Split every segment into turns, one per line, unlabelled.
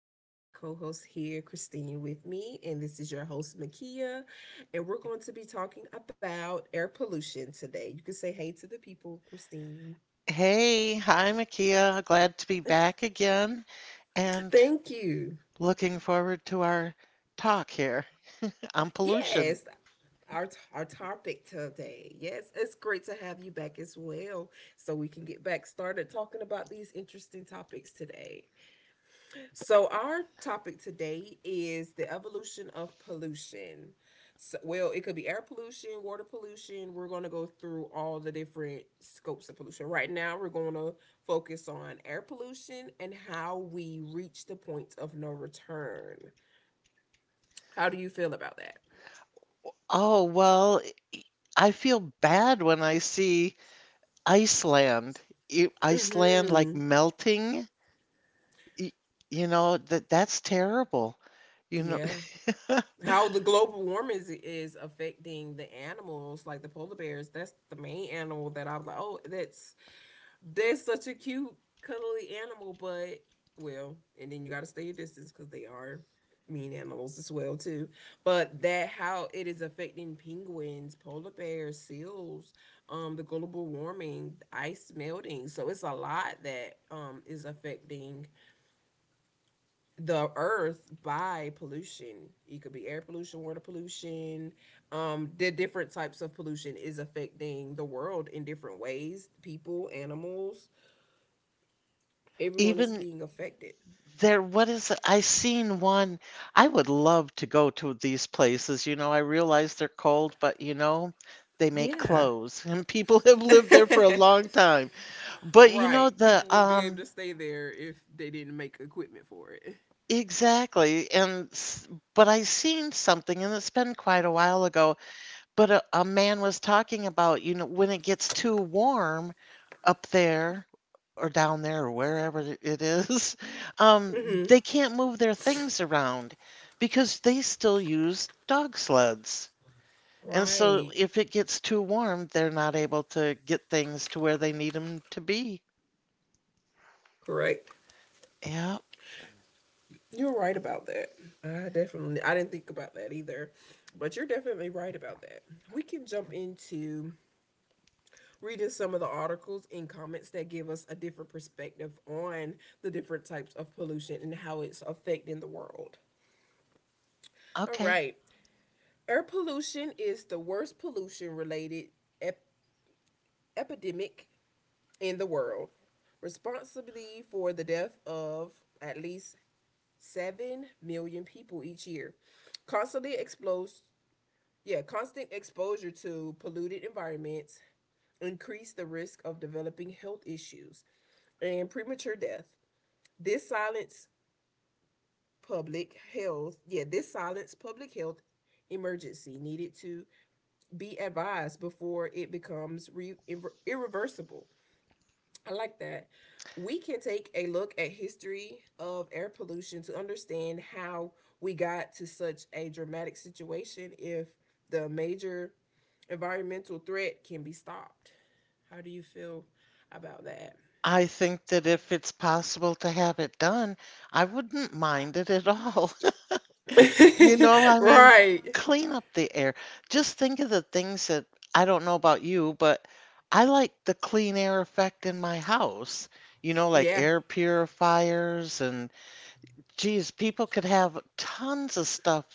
I have my co host here, Christine, with me, and this is your host, Makia. And we're going to be talking about air pollution today. You can say hey to the people, Christine.
Hey, hi, Makia. Glad to be back again and
Thank you.
looking forward to our talk here on pollution.
Yes, our, our topic today. Yes, it's great to have you back as well so we can get back started talking about these interesting topics today. So our topic today is the evolution of pollution. So, well, it could be air pollution, water pollution. We're going to go through all the different scopes of pollution. Right now, we're going to focus on air pollution and how we reach the point of no return. How do you feel about that?
Oh, well, I feel bad when I see Iceland, Iceland like
hmm
melting. Y- You know, that's terrible. You know,
Yeah. How the global warming is affecting the animals, like the polar bears. That's the main animal that I was like, oh, that's they're such a cute, cuddly animal, but well, and then you got to stay your distance because they are mean animals as well too. But that how it is affecting penguins, polar bears, seals, the global warming, ice melting. So it's a lot that is affecting the earth by pollution. It could be air pollution, water pollution. The different types of pollution is affecting the world in different ways. People, animals, everyone is
even
being affected.
There, what is it? I seen one. I would love to go to these places. I realize they're cold, but they make
Yeah.
clothes and people have lived there for a long time. But you know,
Right.
the,
People wouldn't be able to stay there if they didn't make equipment for it.
Exactly. But I seen something, and it's been quite a while ago. But a man was talking about, when it gets too warm up there or down there or wherever it is, um,
Mm-hmm.
they can't move their things around because they still use dog sleds. And so
Right.
if it gets too warm, they're not able to get things to where they need them to be.
Correct.
Yeah,
You're right about that. I definitely I didn't think about that either. But you're definitely right about that. We can jump into reading some of the articles and comments that give us a different perspective on the different types of pollution and how it's affecting the world. All
okay.
right. Air pollution is the worst pollution related ep- epidemic in the world, responsibility for the death of at least 7 million people each year. Constantly exposed, yeah, constant exposure to polluted environments increase the risk of developing health issues and premature death. This silence public health, yeah, this silence public health emergency needed to be advised before it becomes irreversible. I like that. We can take a look at history of air pollution to understand how we got to such a dramatic situation if the major environmental threat can be stopped. How do you feel about that?
I think that if it's possible to have it done, I wouldn't mind it at all. I mean,
Right.
clean up the air. Just think of the things that I don't know about you, but I like the clean air effect in my house. Like
Yeah.
air purifiers, and geez, people could have tons of stuff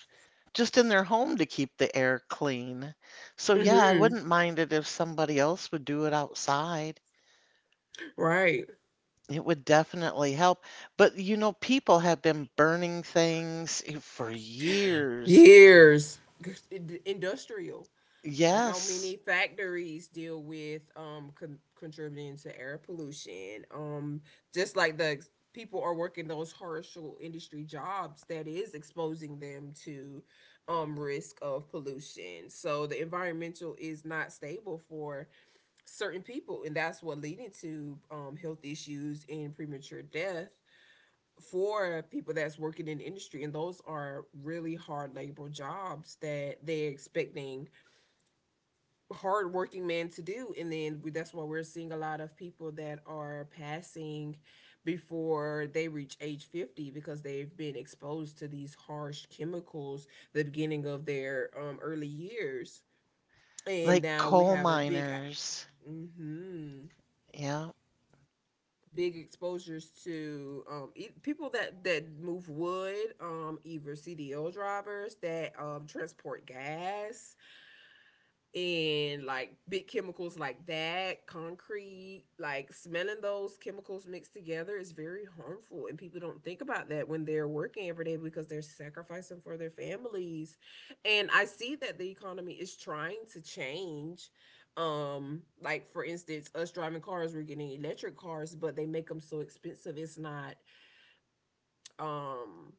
just in their home to keep the air clean. So yeah, I
Mhm.
wouldn't mind it if somebody else would do it outside.
Right.
It would definitely help. But people have been burning things for years.
Years. Industrial. How many
Yes.
factories deal with contributing to air pollution just like the people are working those harshal industry jobs that is exposing them to risk of pollution so the environmental is not stable for certain people and that's what leading to health issues and premature death for people that's working in industry and those are really hard labor jobs that they're expecting hardworking man to do and then that's why we're seeing a lot of people that are passing before they reach age 50 because they've been exposed to these harsh chemicals the beginning of their early years and
Like
now we
coal
have a big
miners.
mhm,
Yeah.
big exposures to people that move wood, either CDL drivers that transport gas and like big chemicals like that, concrete, like smelling those chemicals mixed together is very harmful. And people don't think about that when they're working every day because they're sacrificing for their families. And I see that the economy is trying to change. Like for instance, us driving cars, we're getting electric cars, but they make them so expensive. It's not, um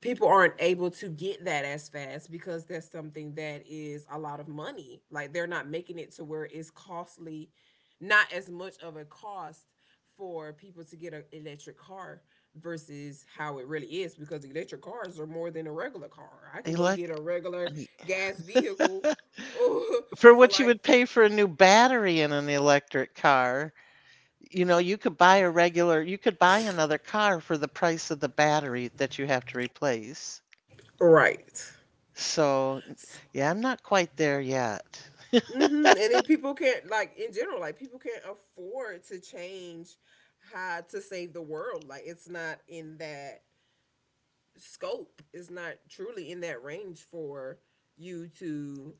people aren't able to get that as fast because that's something that is a lot of money. Like they're not making it to where it's costly, not as much of a cost for people to get an electric car versus how it really is because electric cars are more than a regular car. I can go
Elect
get a regular gas vehicle
For
for
what you
like
would pay
50.
for a new battery in an electric car, you could buy another car for the price of the battery that you have to replace.
Right.
So, yeah, I'm not quite there yet.
Hmm. And then people can't, like in general, like people can't afford to change how to save the world. Like it's not in that scope. It's not truly in that range for you to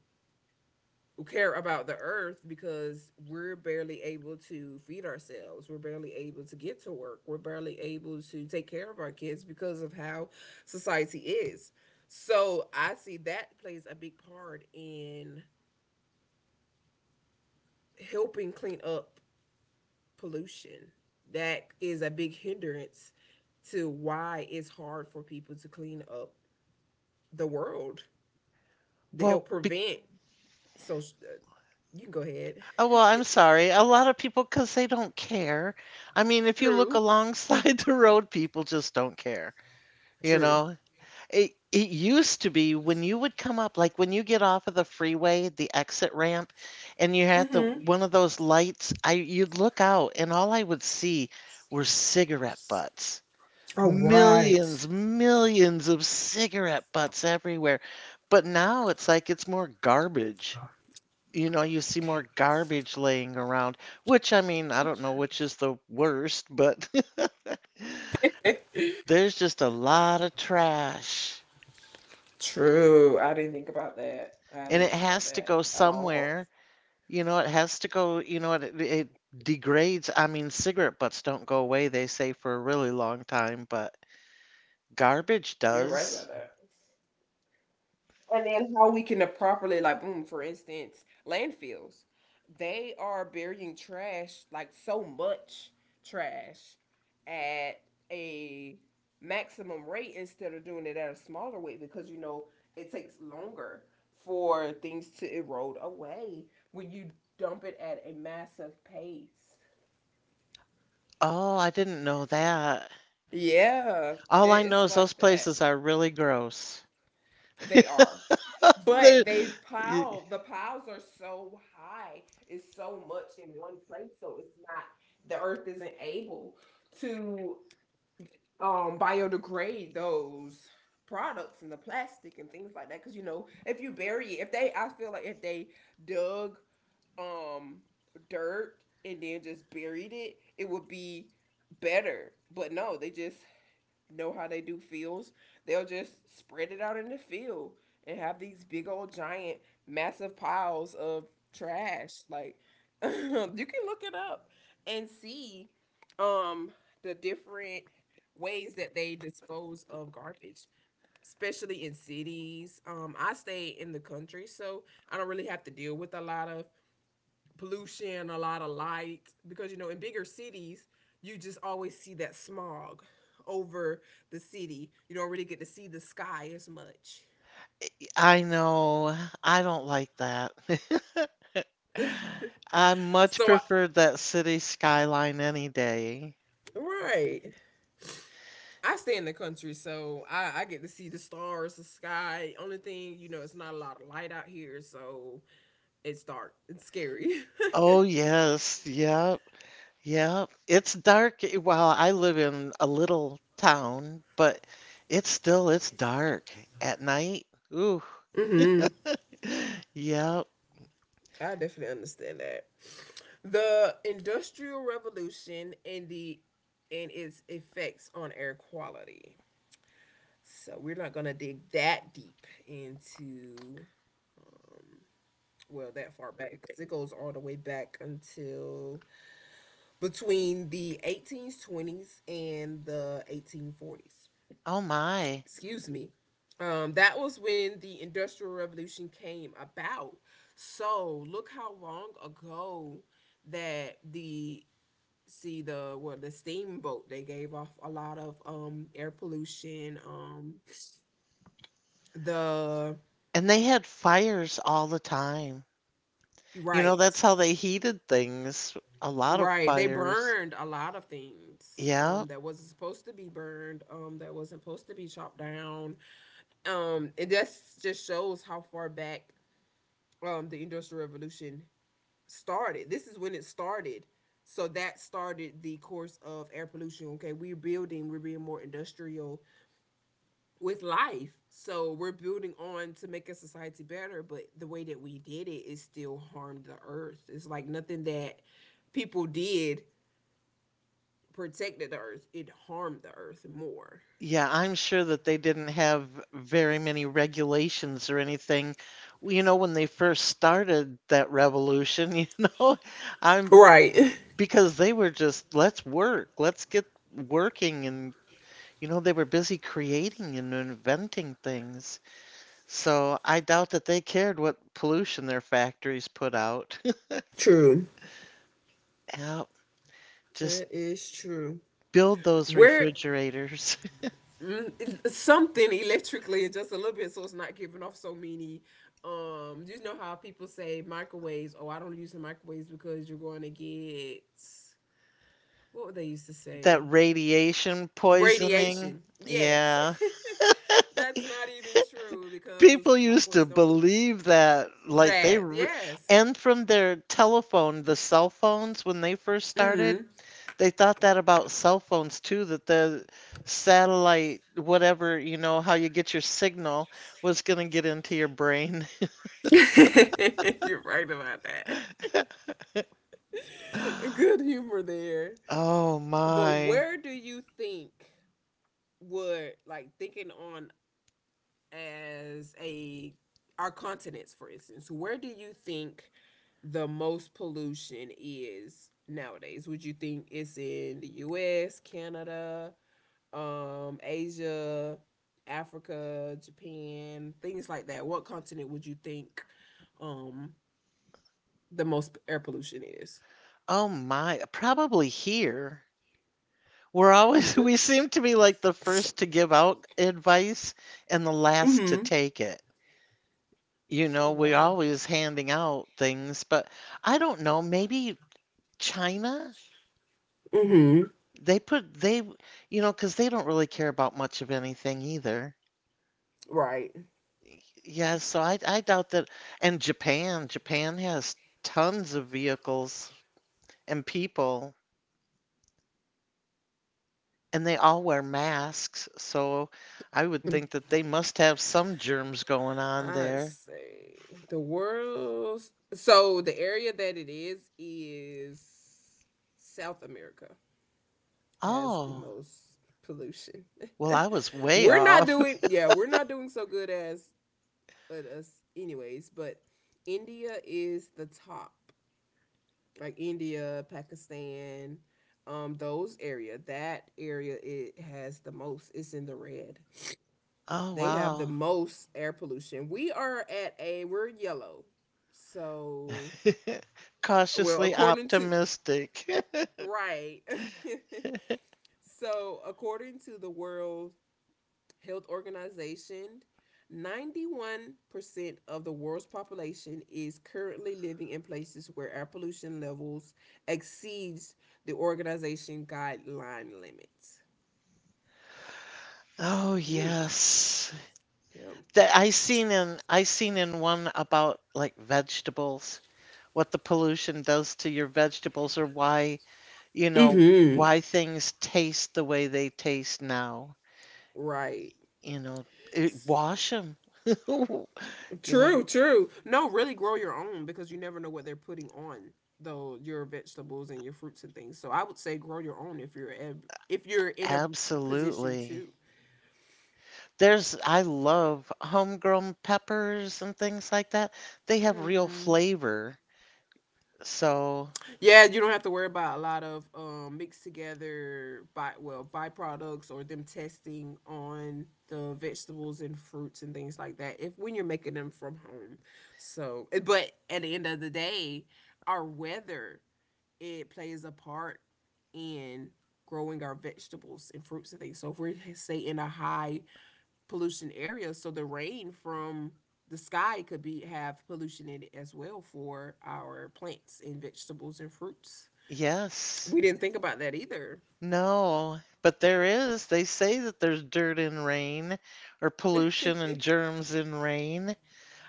care about the earth because we're barely able to feed ourselves. We're barely able to get to work. We're barely able to take care of our kids because of how society is. So I see that plays a big part in helping clean up pollution. That is a big hindrance to why it's hard for people to clean up the world to
Well,
help
be
prevent social. You can go ahead.
Oh, well, I'm sorry. A lot of people, because they don't care. I mean, if you look
True.
alongside the road, people just don't care, you
True.
know? It used to be when you would come up, like when you get off of the freeway, the exit ramp, and you had the
Mm-hmm.
one of those lights, I you'd look out and all I would see were cigarette butts.
All right.
Millions, millions of cigarette butts everywhere. But now it's like it's more garbage. You see more garbage laying around, which, I mean, I don't know which is the worst, but there's just a lot of trash.
True. I didn't think about that. I
And
didn't
it
think about
has to
that
go
at all.
somewhere. It has to go, it degrades. I mean, cigarette butts don't go away, they say, for a really long time, but garbage
You're right
does.
about that. And then how we can properly, like boom, for instance, landfills, they are burying trash, like so much trash at a maximum rate instead of doing it at a smaller rate, because you know it takes longer for things to erode away when you dump it at a massive pace.
Oh, I didn't know that.
Yeah,
All I
it,
know
it's
is those
like that.
places are really gross.
They are. But
They're-
they
y-
pile, the piles are so high, it's so much in one place, so it's not, the earth isn't able to biodegrade those products and the plastic and things like that. Cause you know, if you bury it, if they, I feel like if they dug um dirt and then just buried it, it would be better. But no, they just know how they do fields, they'll just spread it out in the field and have these big old giant massive piles of trash. Like you can look it up and see um the different ways that they dispose of garbage, especially in cities. I stay in the country, so I don't really have to deal with a lot of pollution, a lot of light, because you know in bigger cities you just always see that smog over the city. You don't really get to see the sky as much.
I know. I don't like that. I much
So I,
preferred that city skyline any day.
right, I stay in the country, so I get to see the stars, the sky. Only thing you know, it's not a lot of light out here, so it's dark. It's scary.
Oh, yes. Yeah. Yeah, it's dark. Well, I live in a little town, but it's still it's dark at night. Ooh.
Mm hmm.
Yep.
I definitely understand that. The Industrial Revolution and the and its effects on air quality. So we're not gonna dig that deep into well that far back because it goes all the way back until between the 1820s and the 1840s.
Oh my.
Excuse me. That was when the Industrial Revolution came about. So look how long ago that the, see the, well, the steamboat, they gave off a lot of air pollution, the
And they had fires all the time. That's
right.
how they heated things. A lot of
Right. They
fires.
burned a lot of things,
Yeah.
that wasn't supposed to be burned, that wasn't supposed to be chopped down. And that just shows how far back, the Industrial Revolution started. This is when it started. So that started the course of air pollution. Okay, we're building, we're being more industrial with life. So we're building on to make a society better, but the way that we did it is still harmed the earth. It's like nothing that people did protected the earth, it harmed the earth more.
Yeah, I'm sure that they didn't have very many regulations or anything. Well, when they first started that revolution, you know, I'm
Right.
because they were just, let's work, let's get working. And, they were busy creating and inventing things. So I doubt that they cared what pollution their factories put out.
True.
Yeah, just
It is true.
build those
Where
refrigerators.
mm, something electrically just a little bit so it's not giving off so many, you know how people say microwaves, oh I don't use the microwaves because you're going to get, what would they used to
That
say,
radiation poisoning.
radiation, yes.
Yeah.
That's not even true because
People used to
microwaves don't
believe that, like,
that, yes.
and from their telephone, the cell phones when they first started,
Mm-hmm.
they thought that about cell phones too, that the satellite, whatever, how you get your signal was going to get into your brain.
You're right about that. Good humor there.
Oh
But
my.
where do you think, would like thinking on, as a, our continents for instance, where do you think the most pollution is nowadays? Would you think it's in the US, Canada, Asia, Africa, Japan, things like that? What continent would you think um the most air pollution is?
Oh my. Probably here.
Good.
We seem to be like the first to give out advice and the last to
Mhm.
take it.
Oh
We're
wow.
always handing out things, but I don't know, maybe China?
Mhm.
They put, they, you know, Because they don't really care about much of anything either.
Right.
Yeah, so I doubt that. And Japan has tons of vehicles and people, and they all wear masks. So I would think that they must have some germs going on
I
there.
say the world's so the area that it is South America has the
Oh,
most pollution.
well, I was way
We're not
off.
doing, yeah, we're not doing so good as at us anyways, but India is the top. Like India, Pakistan, those area, that area it has the most. It's in the red.
Oh,
They have the
wow.
most air pollution. We are at a we're yellow. So, well,
Cautiously
according to
optimistic.
right. So, according to the World Health Organization, 91% of the world's population is currently living in places where air pollution levels exceeds the organization guideline limits.
Oh,
Mhm.
yes.
Yep.
That I seen in one about, like, vegetables, what the pollution does to your vegetables, or why you know,
Mhm.
why things taste the way they taste now.
Right.
You know, Wash them. You know,
True, true. No, really grow your own because you never know what they're putting on though your vegetables and your fruits and things. So I would say grow your own if you're if you're in a position
Absolutely.
to.
I love homegrown peppers and things like that. They have real
Mhm.
flavor. So,
Yeah, you don't have to worry about a lot of, mixed together by well byproducts or them testing on the vegetables and fruits and things like that. If when you're making them from home, but at the end of the day, our weather it plays a part in growing our vegetables and fruits and things. So if we're say in a high pollution area, the rain from the sky could be have pollution in it as well for our plants and vegetables and fruits.
yes,
We didn't think about that either.
no, but there is. They say that there's dirt in rain, or pollution and germs in rain.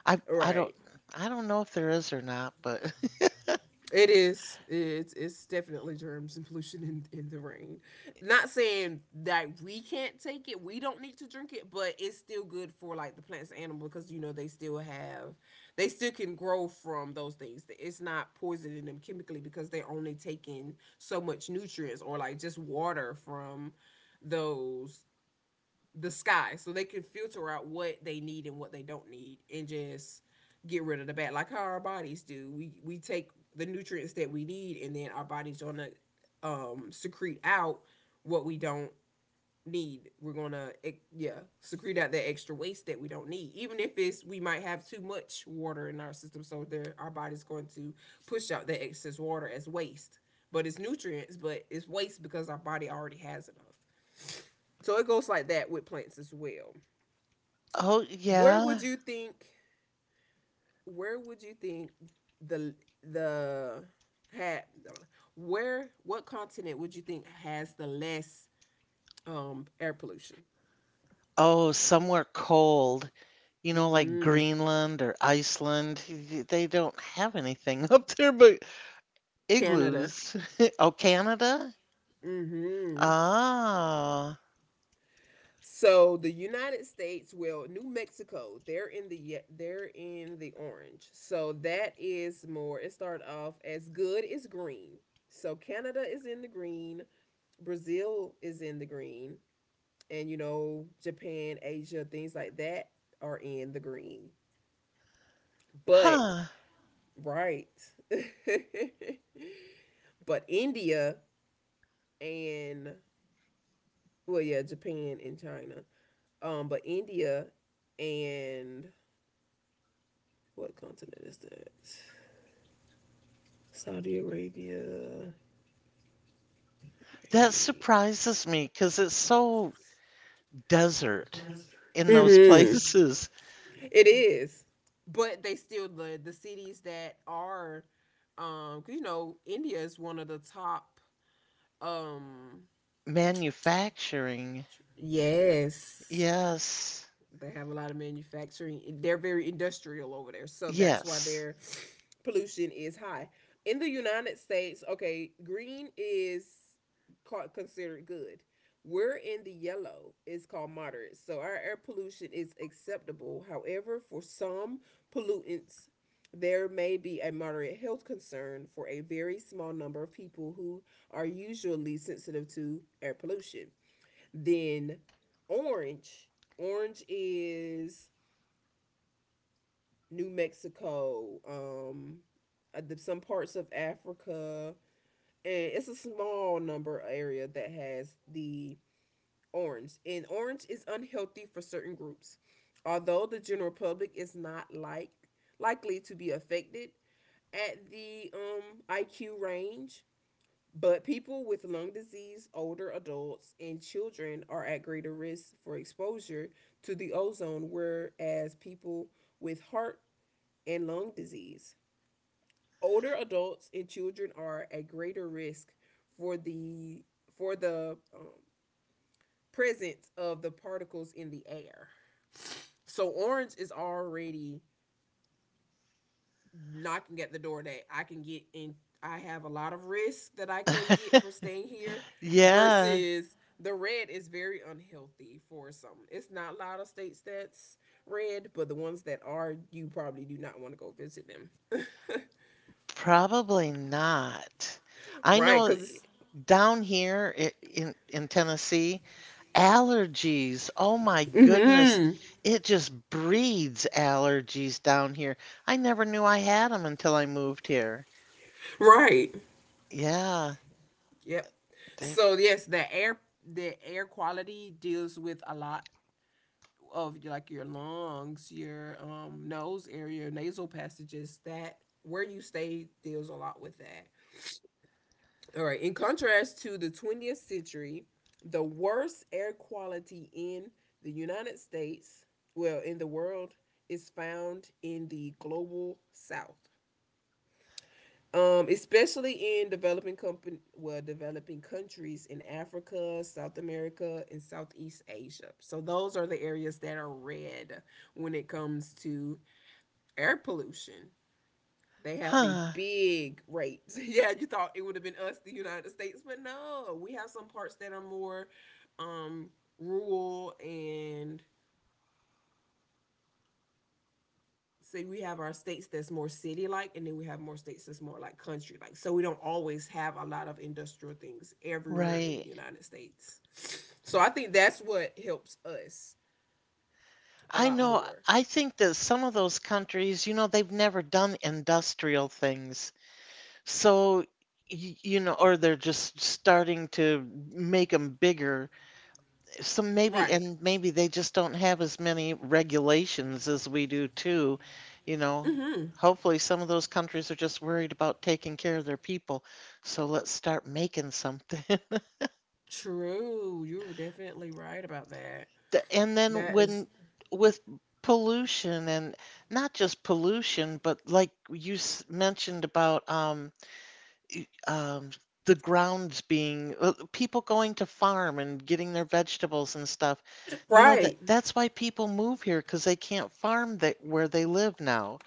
I, I don't,
Right.
I don't know if there is or not, but
It is. It's definitely germs and pollution in the rain. Not saying that we can't take it, we don't need to drink it, but it's still good for like the plants and animal because they still have they still can grow from those things. It's not poisoning them chemically because they're only taking so much nutrients or like just water from those the sky, so they can filter out what they need and what they don't need and just get rid of the bad, like how our bodies do. We take the nutrients that we need, and then our body's gonna secrete out what we don't need. Yeah, secrete out that extra waste that we don't need. Even if it's we might have too much water in our system, so there our body's going to push out that excess water as waste, but it's nutrients, but it's waste because our body already has enough. So it goes like that with plants as well.
oh,
Where
yeah.
would you think where would you think the the had Where what continent would you think has the less air pollution?
Oh, somewhere cold, like
Mhm.
Greenland or Iceland. They don't have anything up there but
Canada.
igloos. Oh, Canada?
Mhm.
Ah,
So the United States, well, New Mexico, they're in the they're in the orange. So that is more, it started off as good as green. So Canada is in the green, Brazil is in the green, and you know Japan, Asia, things like that are in the green. But
huh.
right. But India and well, yeah, Japan and China. But India and what continent is that? Saudi Arabia.
That
Right.
surprises me because it's so desert in those
Mhm.
places.
It is. But they still the cities that are you know, India is one of the top um
Manufacturing.
yes.
Yes.
They have a lot of manufacturing. They're very industrial over there. So that's why
Yes.
their pollution is high. In the United States, okay, green is considered good. We're in the yellow. It's called moderate. So our air pollution is acceptable. However, for some pollutants, there may be a moderate health concern for a very small number of people who are usually sensitive to air pollution. Then Orange. Orange is New Mexico, some parts of Africa, and it's a small number area that has the orange. And orange is unhealthy for certain groups. Although the general public is not like likely to be affected at the IQ range. But people with lung disease, older adults, and children are at greater risk for exposure to the ozone, whereas people with heart and lung disease, older adults, and children are at greater risk for the for the um, presence of the particles in the air. So orange is already knocking at the door that I can get in. I have a lot of risk that I can get for staying here
Yeah,
versus the red is very unhealthy for some. It's not a lot of states that's red, but the ones that are, you probably do not want to go visit them.
probably not. I
Right,
know
because it's...
down here, in Tennessee, allergies. Oh my goodness.
Mm-hmm.
It just breeds allergies down here. I never knew I had them until I moved here.
Right.
Yeah,
Yep.
they're,
So yes, the air quality deals with a lot of like your lungs, your nose area, nasal passages, that where you stay deals a lot with that. All right. In contrast to the 20th century, the worst air quality in the United States, well, in the world, is found in the global south, especially in developing well, developing countries in Africa, South America, and Southeast Asia. So those are the areas that are red when it comes to air pollution. They have a
huh,
big rate. Yeah, you thought it would have been us, the United States, but no, we have some parts that are more um, rural, and say we have our states that's more city like, and then we have more states that's more like country like, so we don't always have a lot of industrial things everywhere in the
right.
United States. So I think that's what helps us a
I
lot
know,
more.
I think that some of those countries, they've never done industrial things. So, or they're just starting to make them bigger. So maybe,
Right.
and maybe they just don't have as many regulations as we do too. You know,
Hmm.
Hopefully some of those countries are just worried about taking care of their people. So let's start making something.
True, you're definitely right about that.
And then
That is
when with pollution and not just pollution, but like mentioned about y- um, the grounds being, people going to farm and getting their vegetables and stuff. You know that
right.
that's why people move here because they can't farm that where they live now,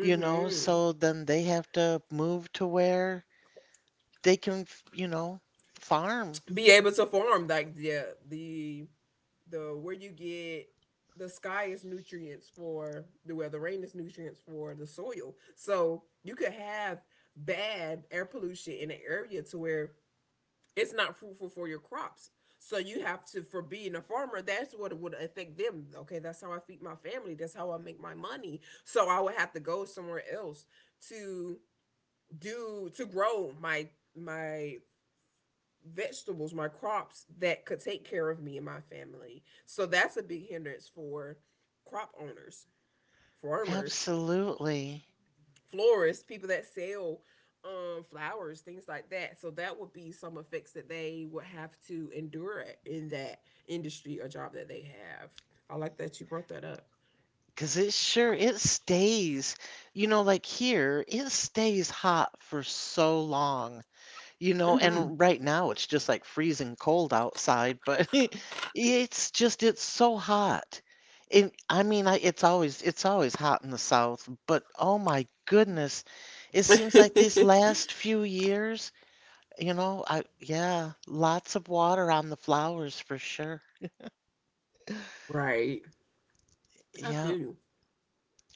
so then they have to move to where they can, farm.
Be able to farm like the the where you get the sky is nutrients for the, well, the rain is nutrients for the soil. So you could have bad air pollution in an area to where it's not fruitful for your crops. So you have to, for being a farmer, that's what would affect them. Okay, that's how I feed my family. That's how I make my money. So I would have to go somewhere else to do to grow my vegetables, my crops that could take care of me and my family. So that's a big hindrance for crop owners, farmers,
Absolutely.
florists, people that sell flowers, things like that. So that would be some effects that they would have to endure in that industry or job that they have. I like that you brought that up.
Because it stays, like here, it stays hot for so long.
Hmm.
And right now it's just like freezing cold outside, but it's just it's so hot. And I mean, it's always hot in the South, but, oh my goodness, it seems like these last few years, you know, I yeah, lots of water on the flowers for sure.
Right. I
Yeah.
feel you.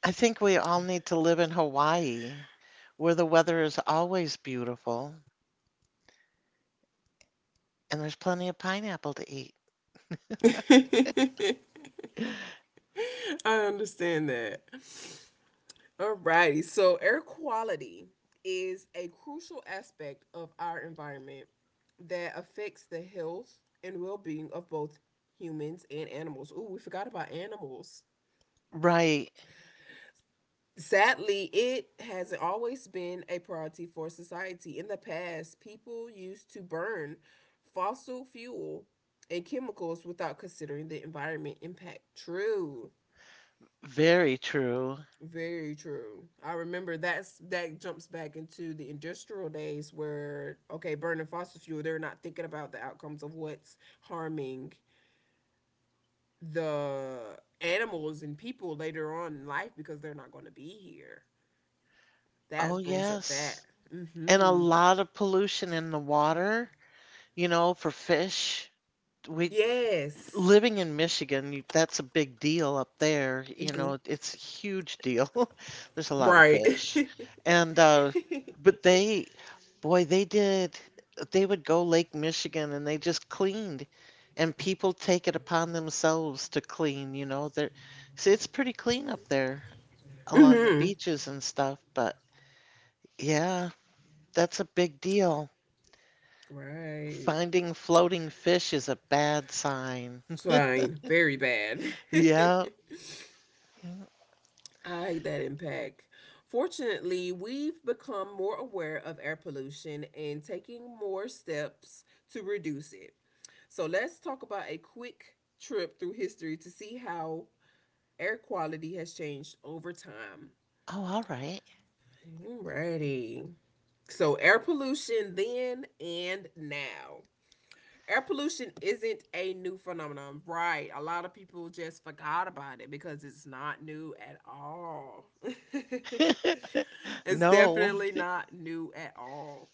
I think we all need to live in Hawaii, where the weather is always beautiful and there's plenty of pineapple to eat.
I understand that. Alrighty, so air quality is a crucial aspect of our environment that affects the health and well being of both humans and animals. Ooh, we forgot about animals.
Right.
Sadly, it has always been a priority for society. In the past, people used to burn fossil fuel and chemicals without considering the environment impact. True.
Very true.
Very true. I remember that's that jumps back into the industrial days where okay, burning fossil fuel, they're not thinking about the outcomes of what's harming the animals and people later on in life because they're not going to be here.
Oh,
That brings up
yes.
that.
And a
Mhm.
lot of pollution in the water, for fish. We
Yes.
living in Michigan, that's a big deal up there.
Hmm.
It's a huge deal. There's a lot of
Right.
fish. And but they boy, they would go Lake Michigan and they just cleaned. And people take it upon themselves to clean. So it's pretty clean up there along the
Mhm.
beaches and stuff, but yeah. That's a big deal.
Right.
Finding floating fish is a bad sign.
Fine. Very bad.
Yeah.
I hate that impact. Fortunately, we've become more aware of air pollution and taking more steps to reduce it. So, let's talk about a quick trip through history to see how air quality has changed over time.
Oh, all right.
Alrighty. So, air pollution then and now. Air pollution isn't a new phenomenon, right? A lot of people just forgot about it because it's not new at all. It's
No,
definitely not new at all.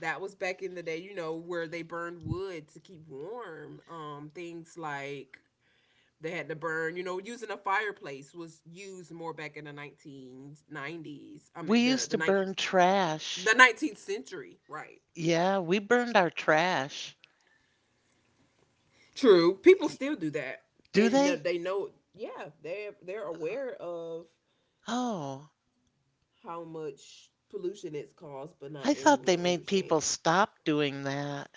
That was back in the day, you know, where they burned wood to keep warm. Things like they had to burn, you know, using a fireplace was used more back in the 1990s. I
we
mean,
used to burn
the
trash.
19th century, right?
Yeah, we burned our trash.
True. People
Y-
still do that,
Do
and
they?
they know, yeah, they're aware of
Oh,
how much pollution it's caused, but not
I thought they
everyone
made people
understands.
stop doing that.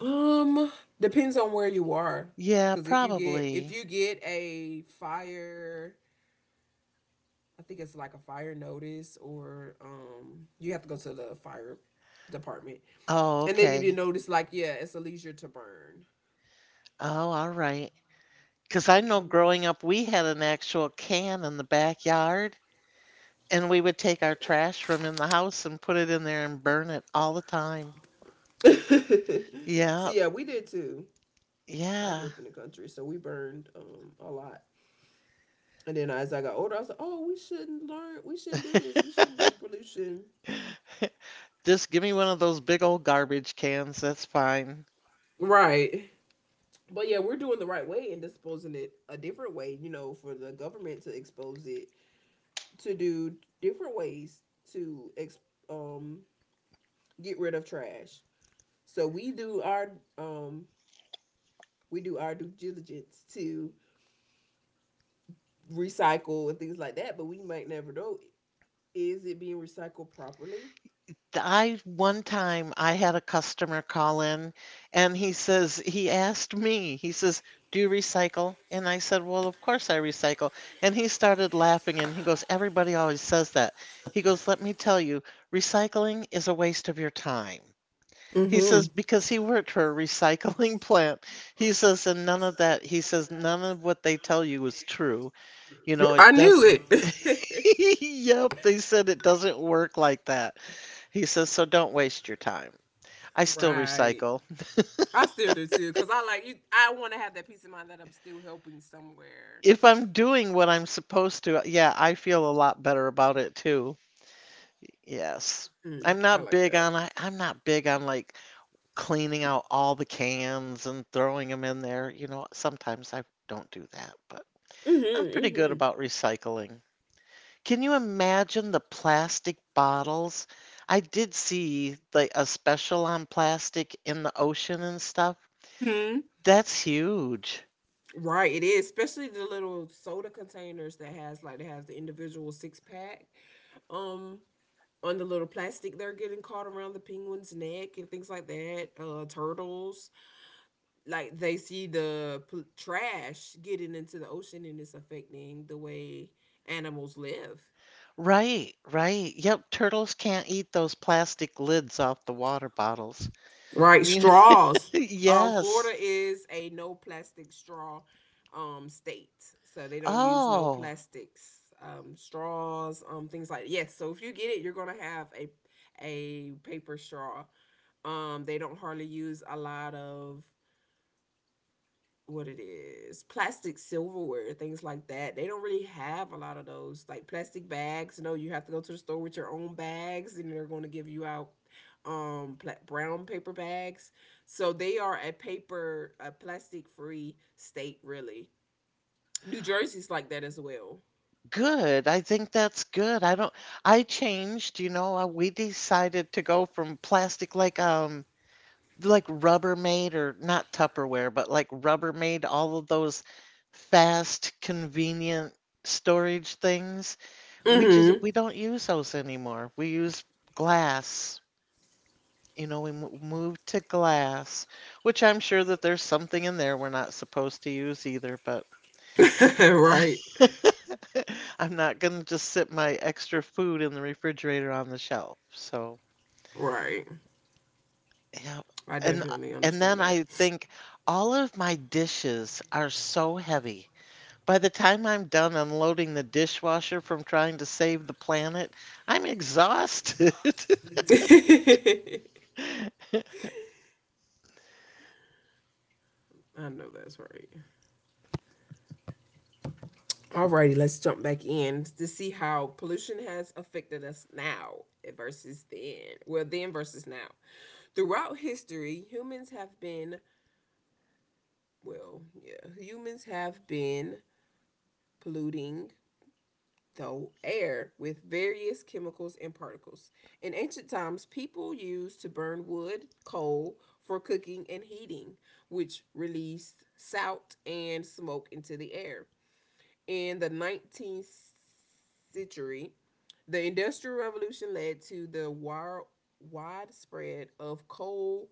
Um, Depends on where you are.
Yeah,
Because if
probably.
you get a fire, I think it's like a fire notice, or you have to go to the fire department,
Oh,
and they give you
okay.
notice like, yeah, it's a leisure to burn.
Oh, all right. Because I know growing up, we had an actual can in the backyard, and we would take our trash from in the house and put it in there and burn it all the time.
Mm-hmm. So
Yeah,
yeah, we did too. I grew
yeah.
up in the country, so we burned a lot. And then as I got older, I was like, oh, we shouldn't learn, we shouldn't do this, we shouldn't do pollution.
Just give me one of those big old garbage cans. That's fine.
Right. But yeah, we're doing the right way and disposing it a different way, you know, for the government to expose it to do different ways to ex- um get rid of trash. So um we do our due diligence to recycle and things like that, but we might never know, is it being recycled properly?
I One time I had a customer call in, and he asked me. He says, "Do you recycle?" And I said, "Well, of course I recycle." And he started laughing, and he goes, "Everybody always says that." He goes, "Let me tell you, recycling is a waste of your time." He says
Mm-hmm.
because he worked for a recycling plant. He says, and none of that, he says, none of what they tell you is true. It
I knew
does.
it.
Yep, they said it doesn't work like that. He says, so don't waste your time. I still
Right.
recycle.
I still do too, cause I like you. I want to have that peace of mind that I'm still helping somewhere.
If I'm doing what I'm supposed to, yeah, I feel a lot better about it too. Yes.
Mm, I like that.
I'm not big on, like, cleaning out all the cans and throwing them in there. Sometimes I don't do that, but I'm pretty good
Mm-hmm.
about recycling. Can you imagine the plastic bottles? I did see, like, a special on plastic in the ocean and stuff.
Hmm.
That's huge.
Right, it is, especially the little soda containers that has like they have the individual six pack um on the little plastic, they're getting caught around the penguin's neck and things like that. Turtles, like they see the trash getting into the ocean and it's affecting the way animals live.
Right, right. Yep, turtles can't eat those plastic lids off the water bottles.
Right,
You-
straws.
Yes.
Florida is a no plastic straw state, so they don't use no
Oh,
plastics, straws, things like yes. So if you get it, you're gonna have a paper straw. They don't hardly use a lot of what it is plastic silverware, things like that. They don't really have a lot of those like plastic bags. No, you have to go to the store with your own bags, and they're going to give you out brown paper bags. So they are a paper, a plastic free state really. New Jersey's like that as well.
good. I think that's good. I don't, I changed, you know, we decided to go from plastic like Rubbermaid or not Tupperware, but like Rubbermaid, all of those fast, convenient storage things. We just
Mm-hmm.
we don't use those anymore. We use glass. You know, we moved to glass, which I'm sure that there's something in there we're not supposed to use either, but
Right.
I'm not going to just sit my extra food in the refrigerator on the shelf. So,
Right.
yeah.
I
And
definitely
and
understand
then
that.
I think all of my dishes are so heavy. By the time I'm done unloading the dishwasher from trying to save the planet, I'm exhausted.
I know that's right. Alrighty, let's jump back in to see how pollution has affected us now versus then. Well, then versus now. Throughout history, humans have been polluting the air with various chemicals and particles. In ancient times, people used to burn wood, coal for cooking and heating, which released soot and smoke into the air. In the 19th century, the Industrial Revolution led to the widespread of coal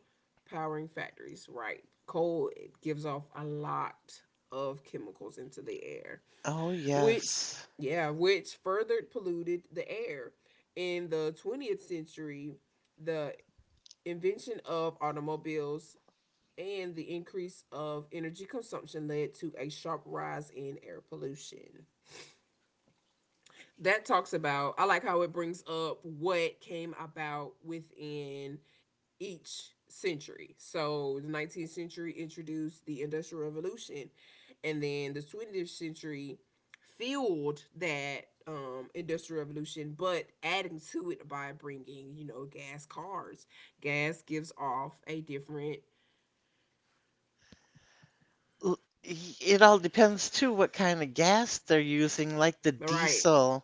powering factories, right? Coal it gives off a lot of chemicals into the air,
Oh,
which,
yes.
yeah, which further polluted the air. In the 20th century, the invention of automobiles and the increase of energy consumption led to a sharp rise in air pollution. That talks about I like how it brings up what came about within each century. So the 19th century introduced the Industrial Revolution, and then the 20th century fueled that industrial revolution, but adding to it by bringing gas cars. Gas gives off a different.
L- y- It all depends too what kind of gas they're using, like the
All right.
diesel.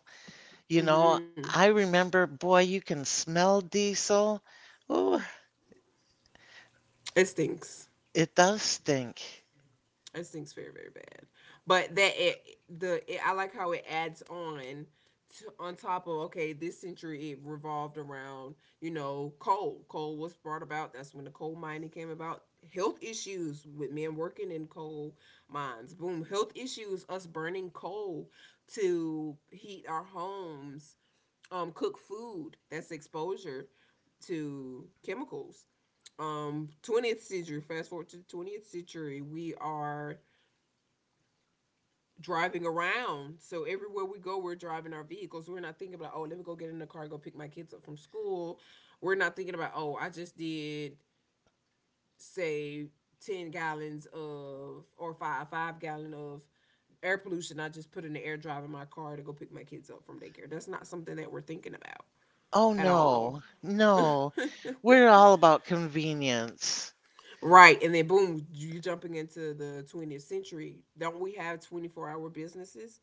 You know,
Mm-hmm.
I remember, boy, you can smell diesel. Ooh,
It stinks.
it does stink.
It stinks very very bad. But that it the it, I like how it adds on on top of. Okay, this century it revolved around coal. Coal was brought about. That's when the coal mining came about. Health issues with men working in coal mines. Boom. Health issues. Us burning coal to heat our homes. Cook food. That's exposure to chemicals. 20th century. Fast forward to 20th century. We are driving around. So everywhere we go, we're driving our vehicles. We're not thinking about, oh, let me go get in the car, and go pick my kids up from school. We're not thinking about, oh, I just did say 10 gallons of, or five gallon of air pollution I just put in the air drive in my car to go pick my kids up from daycare. That's not something that we're thinking about
Oh
at all.
no, no. We're all about convenience.
Right, and then boom, you jumping into the 20th century. Don't we have 24-hour businesses?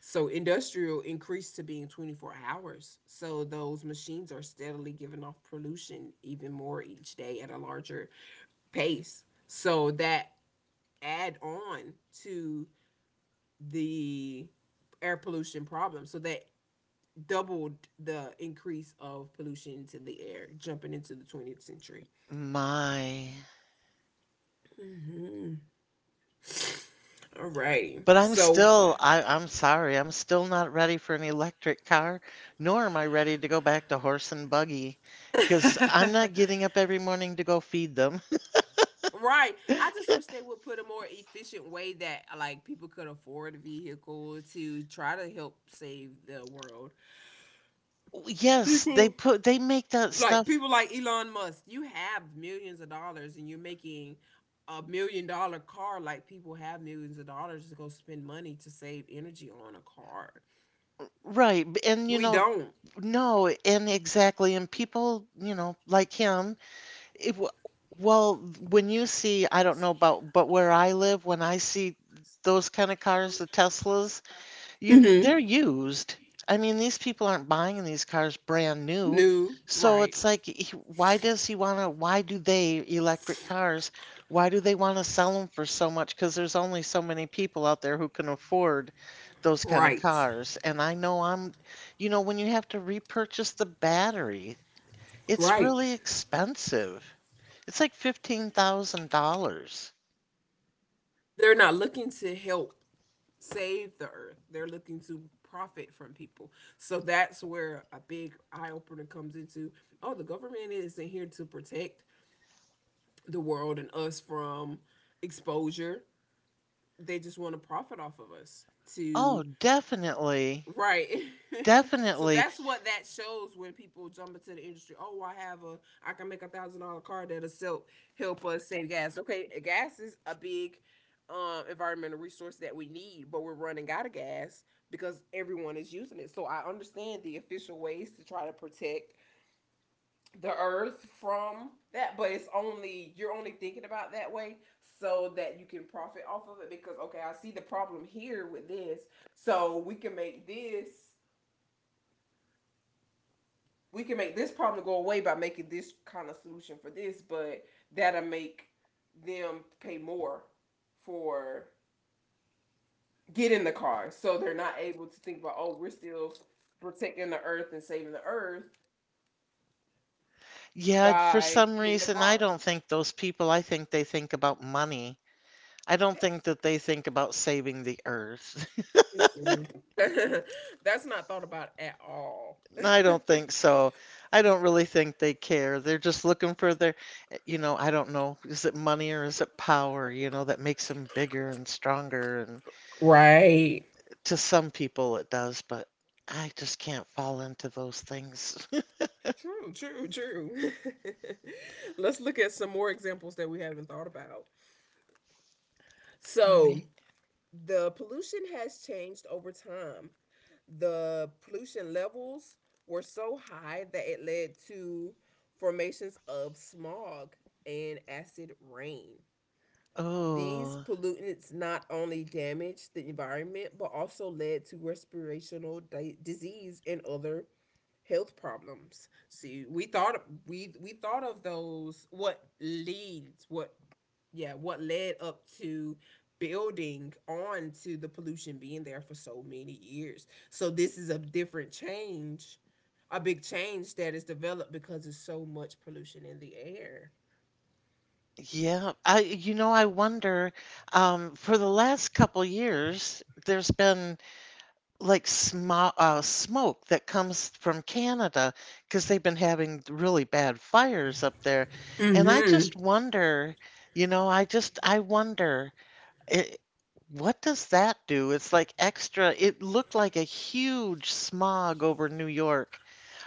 So industrial increased to being 24 hours. So those machines are steadily giving off pollution even more each day at a larger pace. So that add on to the air pollution problem. So that doubled the increase of pollution into the air jumping into the 20th century.
My.
All right.
But I'm still, I'm sorry, I'm still not ready for an electric car, nor am I ready to go back to horse and buggy, because I'm not getting up every morning to go feed them.
Right. I just wish they would put a more efficient way that like people could afford a vehicle to try to help save the world.
Yes,
People
they make that
like
stuff
people like Elon Musk, you have millions of dollars and you're making a million dollar car, like people have millions of dollars to go spend money to save energy on a car.
right. And, you
We
know,
don't.
no, and exactly. And people, you know, like him, it, w- well, when you see, I don't know about, but where I live, when I see those kind of cars, the Teslas, you,
Mhm.
they're used. I mean, these people aren't buying these cars brand new.
New,
So
right.
it's like, why does he want to? Why do they, electric cars, why do they want to sell them for so much? Because there's only so many people out there who can afford those kind of
Right.
cars. And I know I'm, you know, when you have to repurchase the battery, it's
Right.
really expensive. It's like $15,000.
They're not looking to help save the earth. They're looking to profit from people. So that's where a big eye opener comes into. Oh, the government isn't here to protect the world and us from exposure. They just want to profit off of us to.
Oh, definitely.
Right. So
Definitely.
that's what that shows when people jump into the industry. Oh, I can make a thousand dollar car that'll sell, help us save gas. Okay, gas is a big environmental resource that we need, but we're running out of gas because everyone is using it. So I understand the official ways to try to protect the earth from that, but it's only you're only thinking about that way so that you can profit off of it because, okay, I see the problem here with this. So we can make this problem go away by making this kind of solution for this, but that'll make them pay more for getting the car. So they're not able to think about, oh, we're still protecting the earth and saving the earth
Yeah, for
by
some
getting the
reason, I
car.
don't think those people, I think they think about money. I don't
Yes.
think that they think about saving the earth.
Mm-hmm. That's not thought about at all.
I don't think so. I don't really think they care. They're just looking for their, eh, you know, I don't know, is it money or is it power, you know, that makes them bigger and stronger? And
Right.
to some people it does, but I just can't fall into those things.
True, true, true. Let's look at some more examples that we haven't thought about.
All
So,
right.
the pollution has changed over time. The pollution levels were so high that it led to formations of smog and acid rain. These
Oh.
pollutants not only damaged the environment, but also led to respirational disease and other health problems. See, we thought of those what leads what yeah what led up to building on to the pollution being there for so many years. So this is a different change, a big change that is developed because there's so much pollution in the air.
Yeah, I you know, I wonder, for the last couple years, there's been like smoke that comes from Canada because they've been having really bad fires up there. And I
Mhm.
just wonder, you know, I just I wonder it, what does that do? It's like extra. It looked like a huge smog over New York.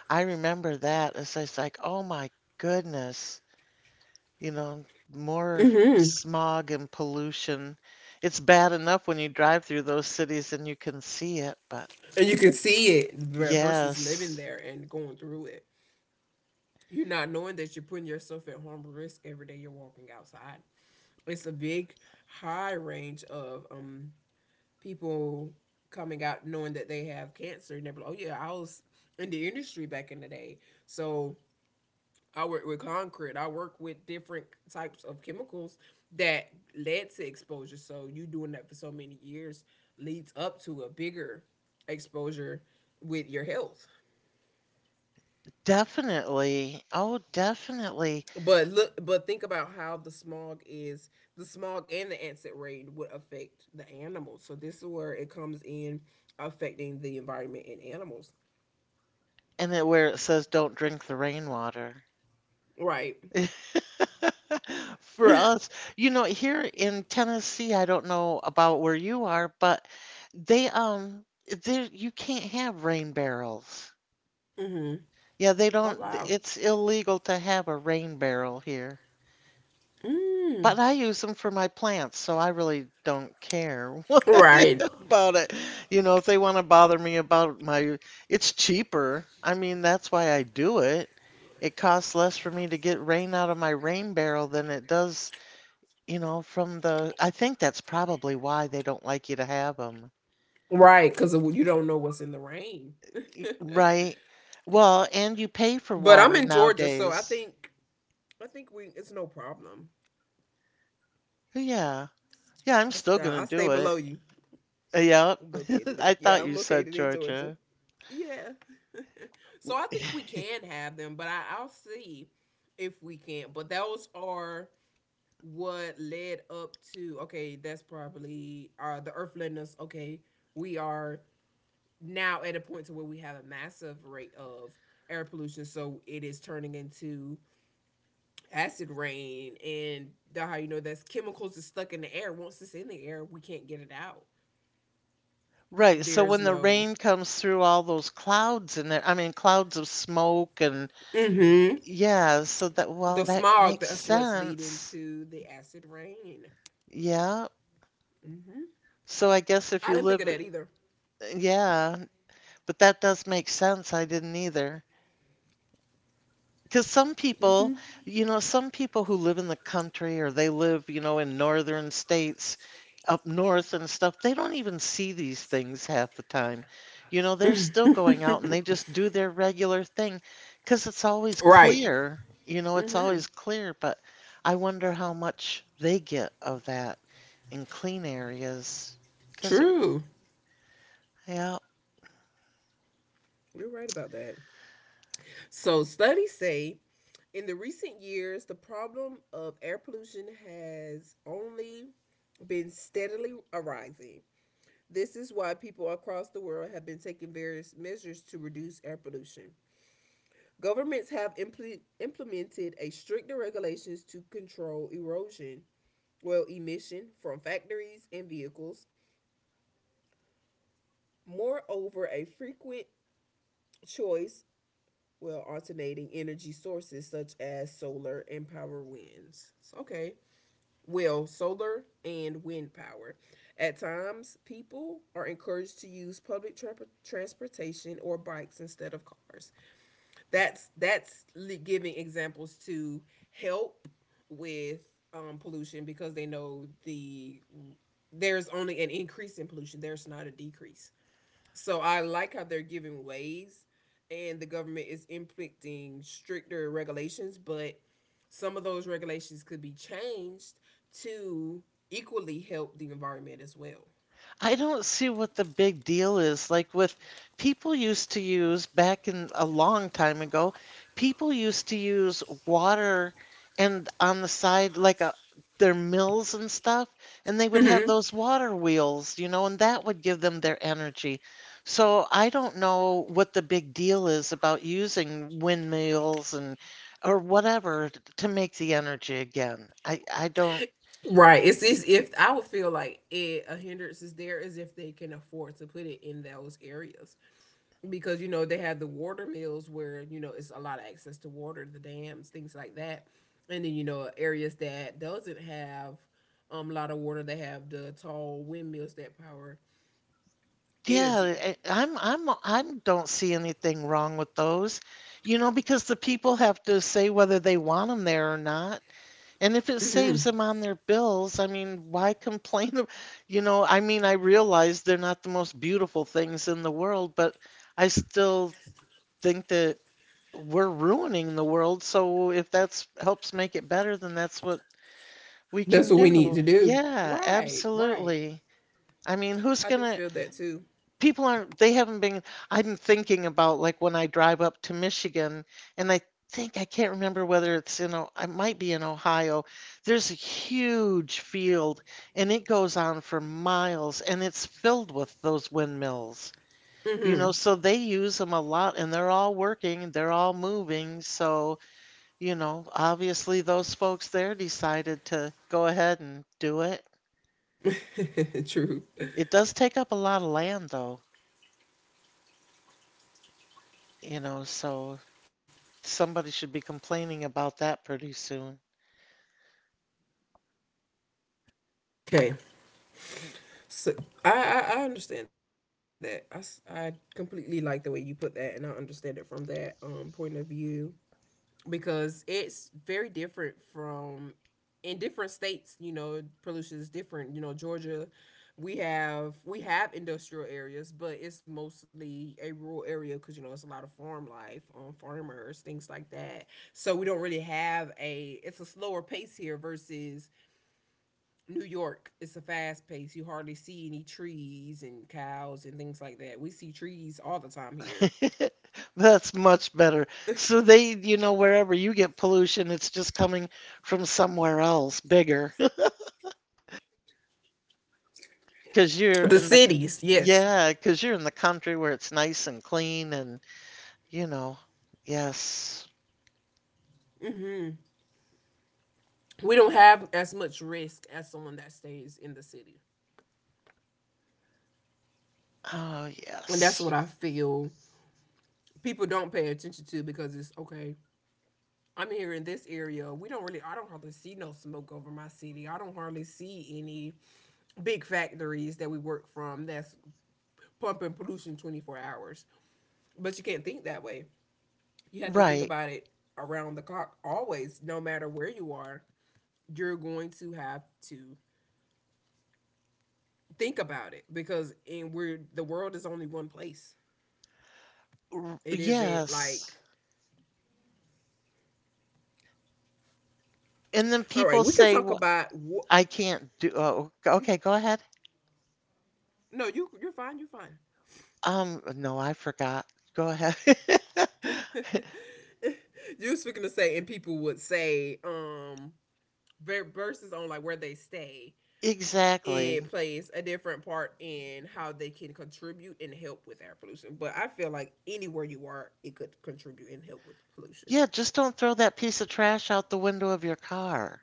I remember that. It's just like, oh my goodness, you know, more
Mhm.
smog and pollution. It's bad enough when you drive through those cities and you can see it, but
And you can see it versus living
yes,
there and going through it. You're not knowing that you're putting yourself at harm or risk every day you're walking outside. It's a big, high range of people coming out knowing that they have cancer, and they're like, "Oh yeah, I was in the industry back in the day, so." I work with concrete. I work with different types of chemicals that led to exposure. So you doing that for so many years leads up to a bigger exposure with your health.
definitely. Oh, definitely.
But look, but think about how the smog is. The smog and the acid rain would affect the animals. So this is where it comes in, affecting the environment and animals.
And it, where it says don't drink the rainwater.
Right.
For us, you know, here in Tennessee, I don't know about where you are, but they there you can't have rain barrels. Yeah, they
Oh
don't,
wow.
it's illegal to have a rain barrel here. But I use them for my plants, so I really don't care
Right.
about it. You know, if they want to bother me about my, it's cheaper. I mean, that's why I do it. It costs less for me to get rain out of my rain barrel than it does, you know, from the, I think that's probably why they don't like you to have them.
Right. Because you don't know what's in the rain.
Right. Well, and you pay for
But I'm
water
in Georgia, so I
nowadays.
think I think we it's no problem.
Yeah. Yeah, I'm still gonna
I stay
do
below
it.
you.
Yep.
I'm located in
I
Yeah.
thought
I'm
you said
located in Georgia.
Georgia.
Yeah. So I think we can have them, but I'll see if we can. But those are what led up to, okay, that's probably the earth letting us, okay, we are now at a point to where we have a massive rate of air pollution, so it is turning into acid rain, and how you know that's chemicals that's stuck in the air. Once it's in the air, we can't get it out.
Right, so
There's
when the
no
rain comes through all those clouds in there, I mean, clouds of smoke and
Mm-hmm.
yeah, so that, well,
The
that
smog.
makes
That's what's leading
sense.
to the acid rain.
Yeah.
Mm-hmm.
So I guess if
I
you
didn't think
live,
of that either.
yeah, but that does make sense. I didn't either. Because some people, you know, some people who live in the country or they live, you know, in northern states up north and stuff, they don't even see these things half the time. You know, they're still going out and they just do their regular thing because it's always
Right.
clear, you know, it's always clear. But I wonder how much they get of that in clean areas because it,
True.
yeah.
You're right about that. So studies say in the recent years, the problem of air pollution has only been steadily arising. This is why people across the world have been taking various measures to reduce air pollution. Governments have implemented a stricter regulations to control erosion, well, emission from factories and vehicles. Moreover, a frequent choice, well, alternating energy sources such as solar and power winds. So, okay, well, solar and wind power. At times, people are encouraged to use public transportation or bikes instead of cars. That's giving examples to help with pollution because they know there's only an increase in pollution. There's not a decrease. So I like how they're giving ways and the government is inflicting stricter regulations, but some of those regulations could be changed to equally help the environment as well.
I don't see what the big deal is. Like with people used to use back in a long time ago, people used to use water and on the side like a their mills and stuff, and they would have
Mm-hmm.
those water wheels, you know, and that would give them their energy. So I don't know what the big deal is about using windmills and or whatever to make the energy again. I don't.
Right. It's as if I would feel like it, a hindrance is there as if they can afford to put it in those areas. Because they have the water mills where it's a lot of access to water, the dams, things like that, and then areas that doesn't have a lot of water, they have the tall windmills that power
Yeah,
energy.
I'm don't see anything wrong with those. You know, because the people have to say whether they want them there or not. And if it saves them on their bills, I mean, why complain? You know, I mean, I realize they're not the most beautiful things in the world, but I still think that we're ruining the world. So if that's helps make it better, then that's what we
That's
can
what we need
do.
to do.
Yeah,
Right, right.
absolutely. I mean, who's
I do
gonna,
feel that too.
people aren't, they haven't been, I'm thinking about like when I drive up to Michigan and I think I can't remember whether it's in I might be in Ohio. There's a huge field and it goes on for miles and it's filled with those windmills. You know, so they use them a lot and they're all working, they're all moving, so you know, obviously those folks there decided to go ahead and do it.
True.
It does take up a lot of land though, you know, so somebody should be complaining about that pretty soon.
Okay. So I, I understand that. I completely like the way you put that, and I understand it from that point of view because it's very different from in different states. Pollution is different. Georgia, we have industrial areas, but it's mostly a rural area because it's a lot of farm life, farmers, things like that. So we don't really have a. It's a slower pace here versus New York. It's a fast pace. You hardly see any trees and cows and things like that. We see trees all the time here.
That's much better. So they, you know, wherever you get pollution, it's just coming from somewhere else, bigger, because you're
The
in the,
cities, yes,
yeah, because you're in the country where it's nice and clean and, you know, yes.
we don't have as much risk as someone that stays in the city,
Oh,
and that's
yes.
what I feel people don't pay attention to because it's okay. I'm here in this area. We don't really, I don't hardly see no smoke over my city. I don't hardly see any big factories that we work from that's pumping pollution 24 hours. But you can't think that way. You have to think
Right.
about it around the clock always, no matter where you are. You're going to have to think about it because in we're the world is only one place. It isn't like.
Yes. And then
All right.
people
We could
say,
talk
"Well,
about what.
I can't do, oh, okay, go ahead.
No, you're fine. You're fine.
No, I forgot. Go ahead.
You was freaking to say, and people would say, versus on, like, where they stay,
Exactly.
it plays a different part in how they can contribute and help with air pollution. But I feel like anywhere you are, it could contribute and help with pollution.
Yeah, just don't throw that piece of trash out the window of your car.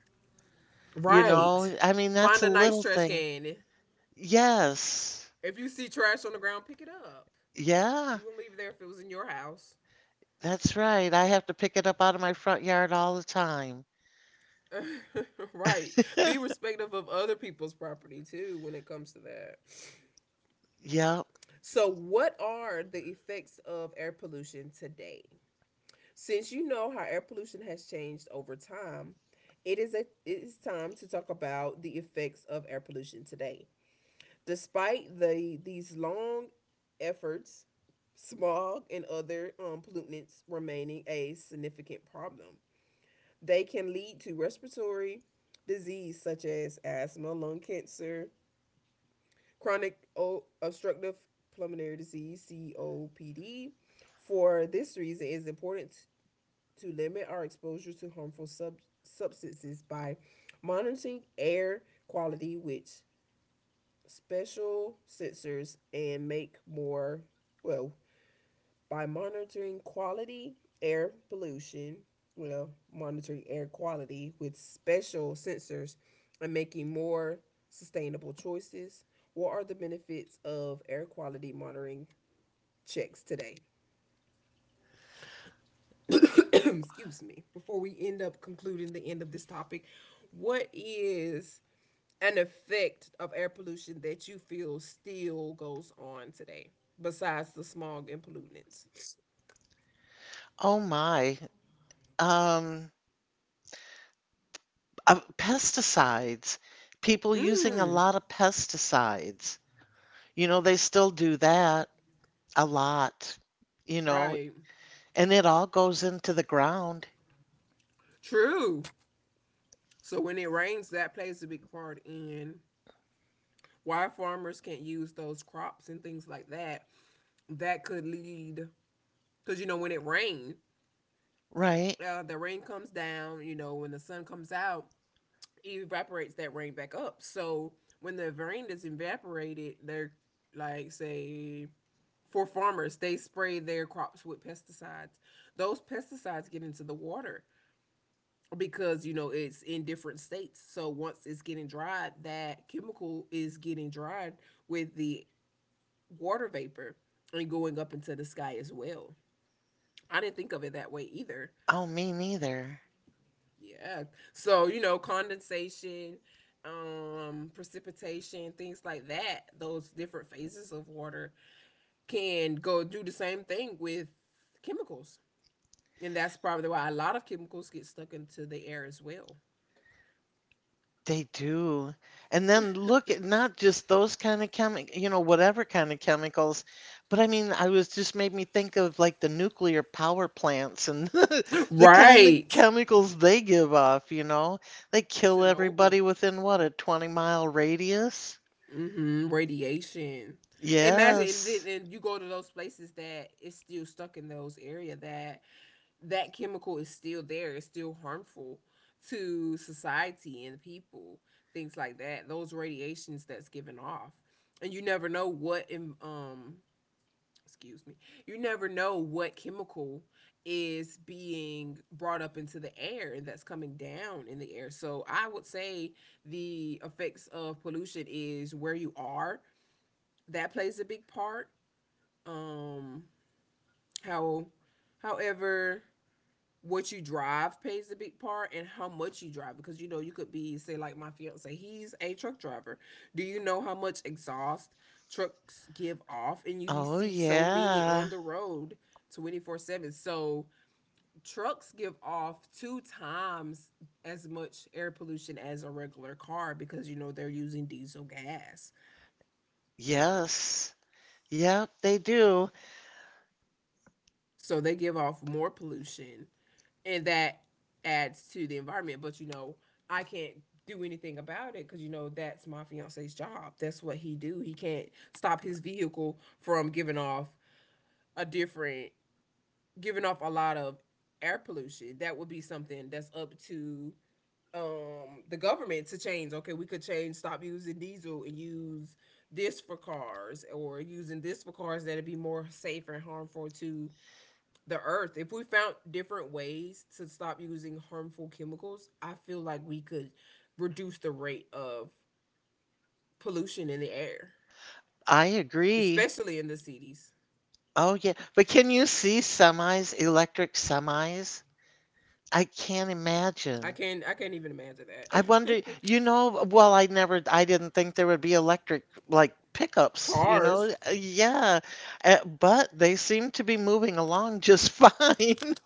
You
Right.
know, I mean, that's
Find
a
a nice
little
trash
thing.
can.
Yes.
If you see trash on the ground, pick it up.
Yeah,
You wouldn't leave it there if it was in your house.
that's right. I have to pick it up out of my front yard all the time.
Right. Be respectful of other people's property too when it comes to that.
Yep.
So, what are the effects of air pollution today? Since you know how air pollution has changed over time, it is a it is time to talk about the effects of air pollution today. Despite these long efforts, smog and other pollutants remaining a significant problem. They can lead to respiratory disease such as asthma, lung cancer, chronic obstructive pulmonary disease COPD. For this reason, it is important to limit our exposure to harmful substances by monitoring air quality with special sensors and make more well by monitoring quality air pollution, well, monitoring air quality with special sensors and making more sustainable choices. What are the benefits of air quality monitoring checks today? Excuse me. Before we end up concluding the end of this topic, what is an effect of air pollution that you feel still goes on today besides the smog and pollutants?
Oh my. Um, pesticides. People using a
Mm,
lot of pesticides. You know, they still do that a lot, you know,
right.
and it all goes into the ground,
True. So when it rains, that plays a big part in why farmers can't use those crops and things like that. That could lead because you know when it rains,
right?
the rain comes down. You know when the sun comes out, it evaporates that rain back up. So when the rain is evaporated, they're like say for farmers, they spray their crops with pesticides. Those pesticides get into the water, because you know it's in different states, so once it's getting dried, that chemical is getting dried with the water vapor and going up into the sky as well. I didn't think of it that way either.
Oh, me neither.
Yeah, so you know, condensation, precipitation, things like that, those different phases of water can go do the same thing with chemicals, and that's probably why a lot of chemicals get stuck into the air as well.
They do. And then look at not just those kind of chemic you know, whatever kind of chemicals, but I mean, I was just made me think of like the nuclear power plants and the kind of
Right.
chemicals they give off, you know? They kill
Chernobyl
everybody within what, a 20-mile radius?
radiation. Imagine, and then
Yes.
and you go to those places that it's still stuck in those area, that that chemical is still there. It's still harmful to society and people, things like that. Those radiations that's given off, and you never know what excuse me, you never know what chemical is being brought up into the air and that's coming down in the air. So I would say the effects of pollution is where you are, that plays a big part. Um, how, however, what you drive plays a big part, and how much you drive, because you know you could be, say like my fiance, he's a truck driver. Do you know how much exhaust trucks give off? And you
Oh,
see so many on
yeah.
the road, 24/7. So trucks give off two times as much air pollution as a regular car because you know they're using diesel gas.
Yes. Yep, they do.
So they give off more pollution and that adds to the environment. But you know, I can't do anything about it because you know that's my fiance's job. That's what he do. He can't stop his vehicle from giving off a different, giving off a lot of air pollution. That would be something that's up to the government to change. Okay, we could change, stop using diesel and use this for cars or using this for cars, that'd be more safe and harmful to the earth. If we found different ways to stop using harmful chemicals, I feel like we could reduce the rate of pollution in the air,
I agree.
especially in the cities.
Oh, yeah. But can you see semis, electric semis? I can't
I
imagine.
can not I can't even imagine
I
that.
wonder, you know, well, I never, I didn't think there would be electric like pickups, you know?
Cars,
Yeah. But they seem to be moving along just fine.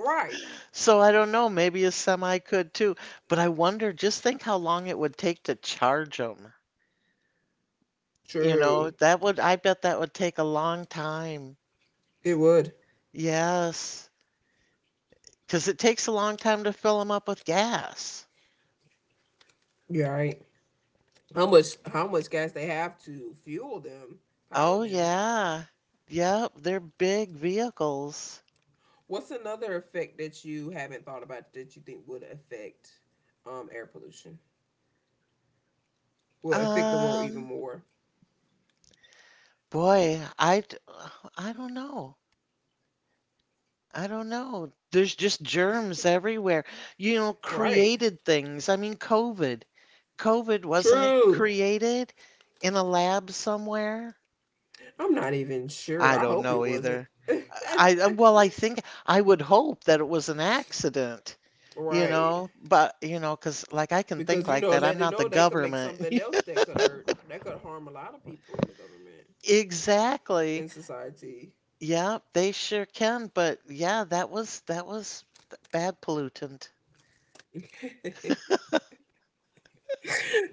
right?
So I don't know, maybe a semi could too. But I wonder, just think how long it would take to charge them. You know,
True,
that would, I bet that would take a long time.
it would.
Yes. Because it takes a long time to fill them up with gas.
You're right. How much gas they have to fuel them, power
Oh
them?
yeah. Yep, they're big vehicles.
What's another effect that you haven't thought about that you think would affect air pollution? Will affect the world even
Um,
more?
boy, I don't know. I don't know. There's just germs everywhere. You know,
Right.
created things. I mean, COVID. COVID, wasn't it
True.
created in a lab somewhere?
I'm not even sure.
I
I
don't
hope it
know
wasn't.
either. Well, I think I would hope that it was an accident, you
Right.
know, but you know, 'cause like I can think
Because you
like
know,
that. I'm
let them
not the
know they could make
government.
something else that could hurt, that could harm a lot of people in the government,
Exactly.
in society.
Yeah, they sure can. But yeah, that was bad pollutant.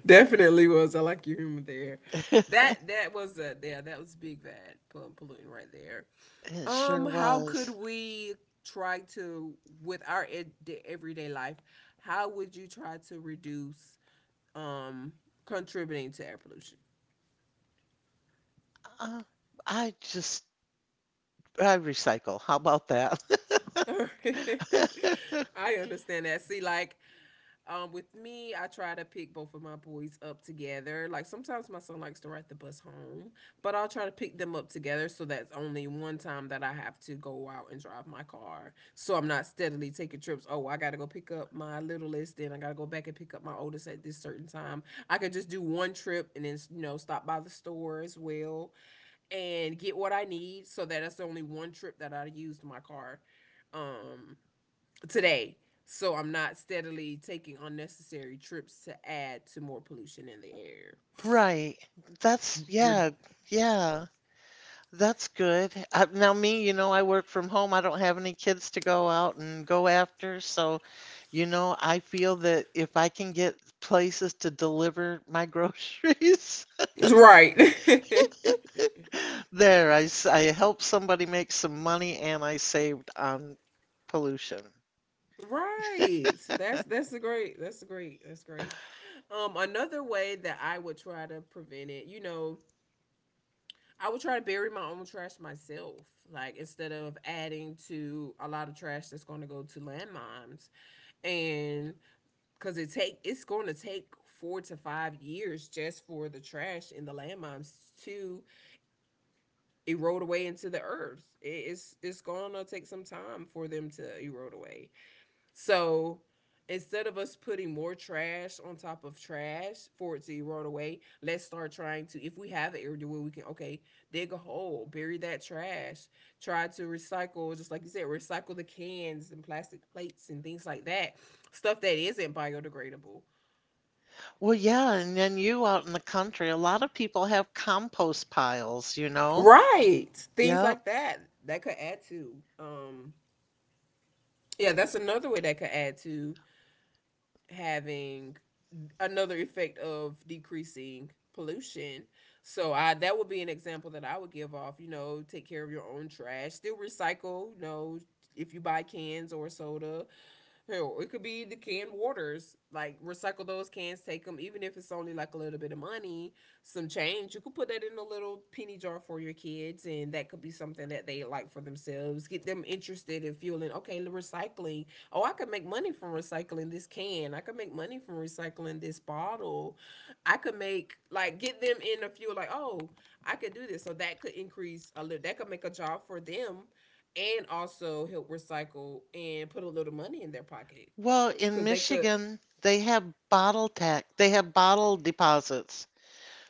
Definitely was. I like your humor there. That that was yeah, that was big bad polluting right there.
It sure
How could
was.
we try to with our the everyday life? How would you try to reduce um contributing to air pollution?
Uh, I just I recycle. How about that?
I understand that. See, like, with me, I try to pick both of my boys up together. Like sometimes my son likes to ride the bus home, but I'll try to pick them up together, so that's only one time that I have to go out and drive my car. So I'm not steadily taking trips. Oh, I gotta go pick up my littlest, then I gotta go back and pick up my oldest at this certain time. I could just do one trip and then you know stop by the store as well and get what I need, so that that's only one trip that I used my car Um, today. So I'm not steadily taking unnecessary trips to add to more pollution in the air.
Right. That's
Re-
yeah, yeah. That's good. Now me, you know, I work from home. I don't have any kids to go out and go after, so you know, I feel that if I can get places to deliver my groceries,
right.
there, I helped somebody make some money and I saved on pollution.
Right. That's a great that's a great that's great. Um, another way that I would try to prevent it, you know, I would try to bury my own trash myself. Like instead of adding to a lot of trash that's going to go to landmines, and cuz it's going to take 4 to 5 years just for the trash in the landmines to erode away into the earth. It's gonna take some time for them to erode away. So instead of us putting more trash on top of trash for it to erode away, let's start trying to, if we have an area where we can, okay, dig a hole, bury that trash, try to recycle, just like you said, recycle the cans and plastic plates and things like that. Stuff that isn't biodegradable.
Well, yeah, and then you out in the country, a lot of people have compost piles, you know?
Right. Things
Yeah.
like that. That could add to. Yeah, that's another way that could add to having another effect of decreasing pollution. So I, that would be an example that I would give off, you know, take care of your own trash, still recycle, you know, if you buy cans or soda, hell, it could be the canned waters. Like recycle those cans, take them, even if it's only like a little bit of money, some change. You could put that in a little penny jar for your kids, and that could be something that they like for themselves. Get them interested in fueling. Okay, the recycling. Oh, I could make money from recycling this can. I could make money from recycling this bottle. I could make like get them in a few like oh I could do this. So that could increase a little. That could make a job for them and also help recycle and put a little money in their pocket
Well, in
because they could.
Michigan, they have bottle tax, they have bottle deposits.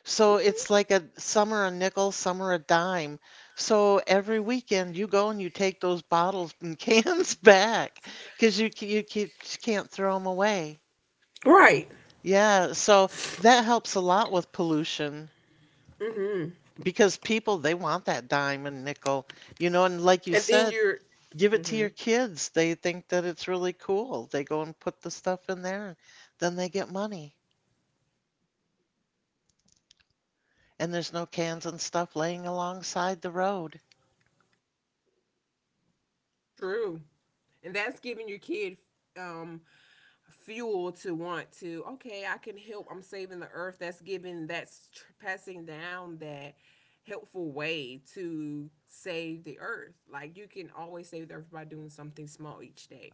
So it's like a some are a nickel, some are a dime. So every weekend you go and you take those bottles and cans back because you can't throw them away.
Right.
Yeah, so that helps a lot with pollution because people they want that dime and nickel, you know, and like you
And then
said,
you're
give it to your kids. They think that it's really cool. They go and put the stuff in there, then they get money. And there's no cans and stuff laying alongside the road.
true, and that's giving your kid um fuel to want to. Okay, I can help. I'm saving the earth. That's giving. That's passing down that helpful way to save the earth. Like you can always save the earth by doing something small each day.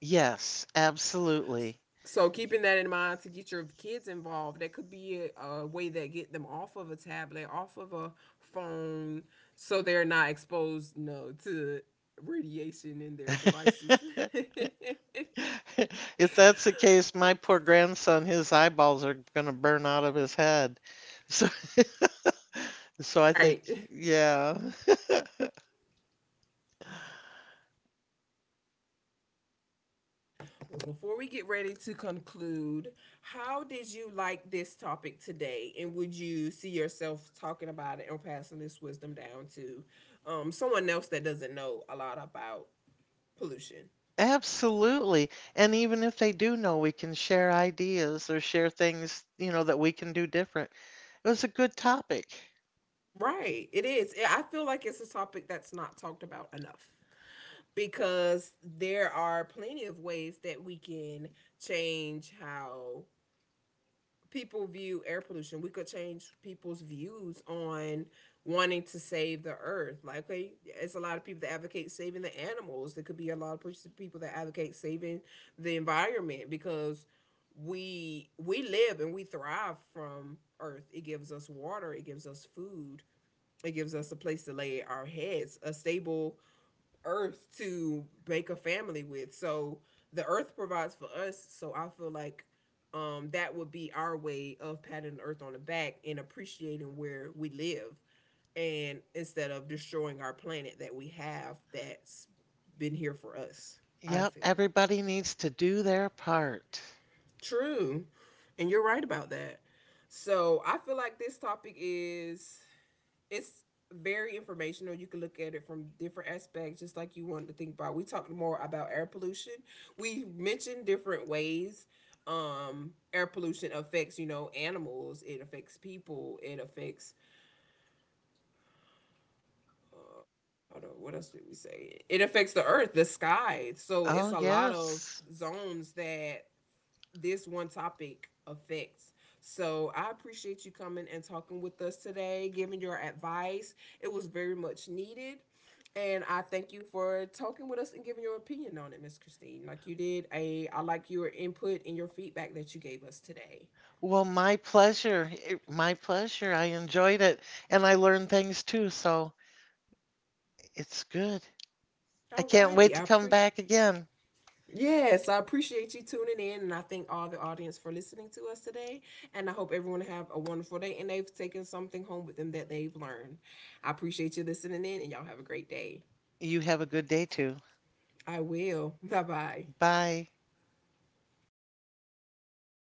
Yes, absolutely.
So keeping that in mind to get your kids involved, that could be a way that get them off of a tablet, off of a phone, so they're not exposed, you know, to radiation in their devices. All
If that's the case, my poor grandson, his eyeballs are going to burn out of his head. So so I think,
right.
yeah.
Before we get ready to conclude, how did you like this topic today, and would you see yourself talking about it or passing this wisdom down to someone else that doesn't know a lot about pollution?
Absolutely. And even if they do know, we can share ideas or share things, you know, that we can do different. It was a good topic.
Right. It is. I feel like it's a topic that's not talked about enough because there are plenty of ways that we can change how people view air pollution. We could change people's views on wanting to save the earth. Like, okay, it's a lot of people that advocate saving the animals. There could be a lot of people that advocate saving the environment, because we live and we thrive from earth. It gives us water, it gives us food, it gives us a place to lay our heads, a stable earth to make a family with. So the earth provides for us. So I feel like, that would be our way of patting the earth on the back and appreciating where we live. And instead of destroying our planet that we have that's been here for us, I
Yep,
feel.
everybody needs to do their part.
True. And you're right about that. So I feel like this topic is it's very informational. You can look at it from different aspects, just like you wanted to think about. We talked more about air pollution. We mentioned different ways air pollution affects, you know, animals, it affects people, it affects, I don't know, what else did we say? It affects the earth, the sky. So
Oh,
it's a lot of
yes.
zones that this one topic affects. So I appreciate you coming and talking with us today, giving your advice. It was very much needed. And I thank you for talking with us and giving your opinion on it, Miss Christine. Like you did, a I like your input and your feedback that you gave us today.
Well, my pleasure. It- My pleasure. I enjoyed it and I learned things too, so it's good. I can't
Alrighty,
wait to
I
come
appreciate.
back again.
Yes, I appreciate you tuning in, and I thank all the audience for listening to us today. And I hope everyone have a wonderful day, and they've taken something home with them that they've learned. I appreciate you listening in, and y'all have a great day.
You have a good day too.
I will. Bye bye.
Bye.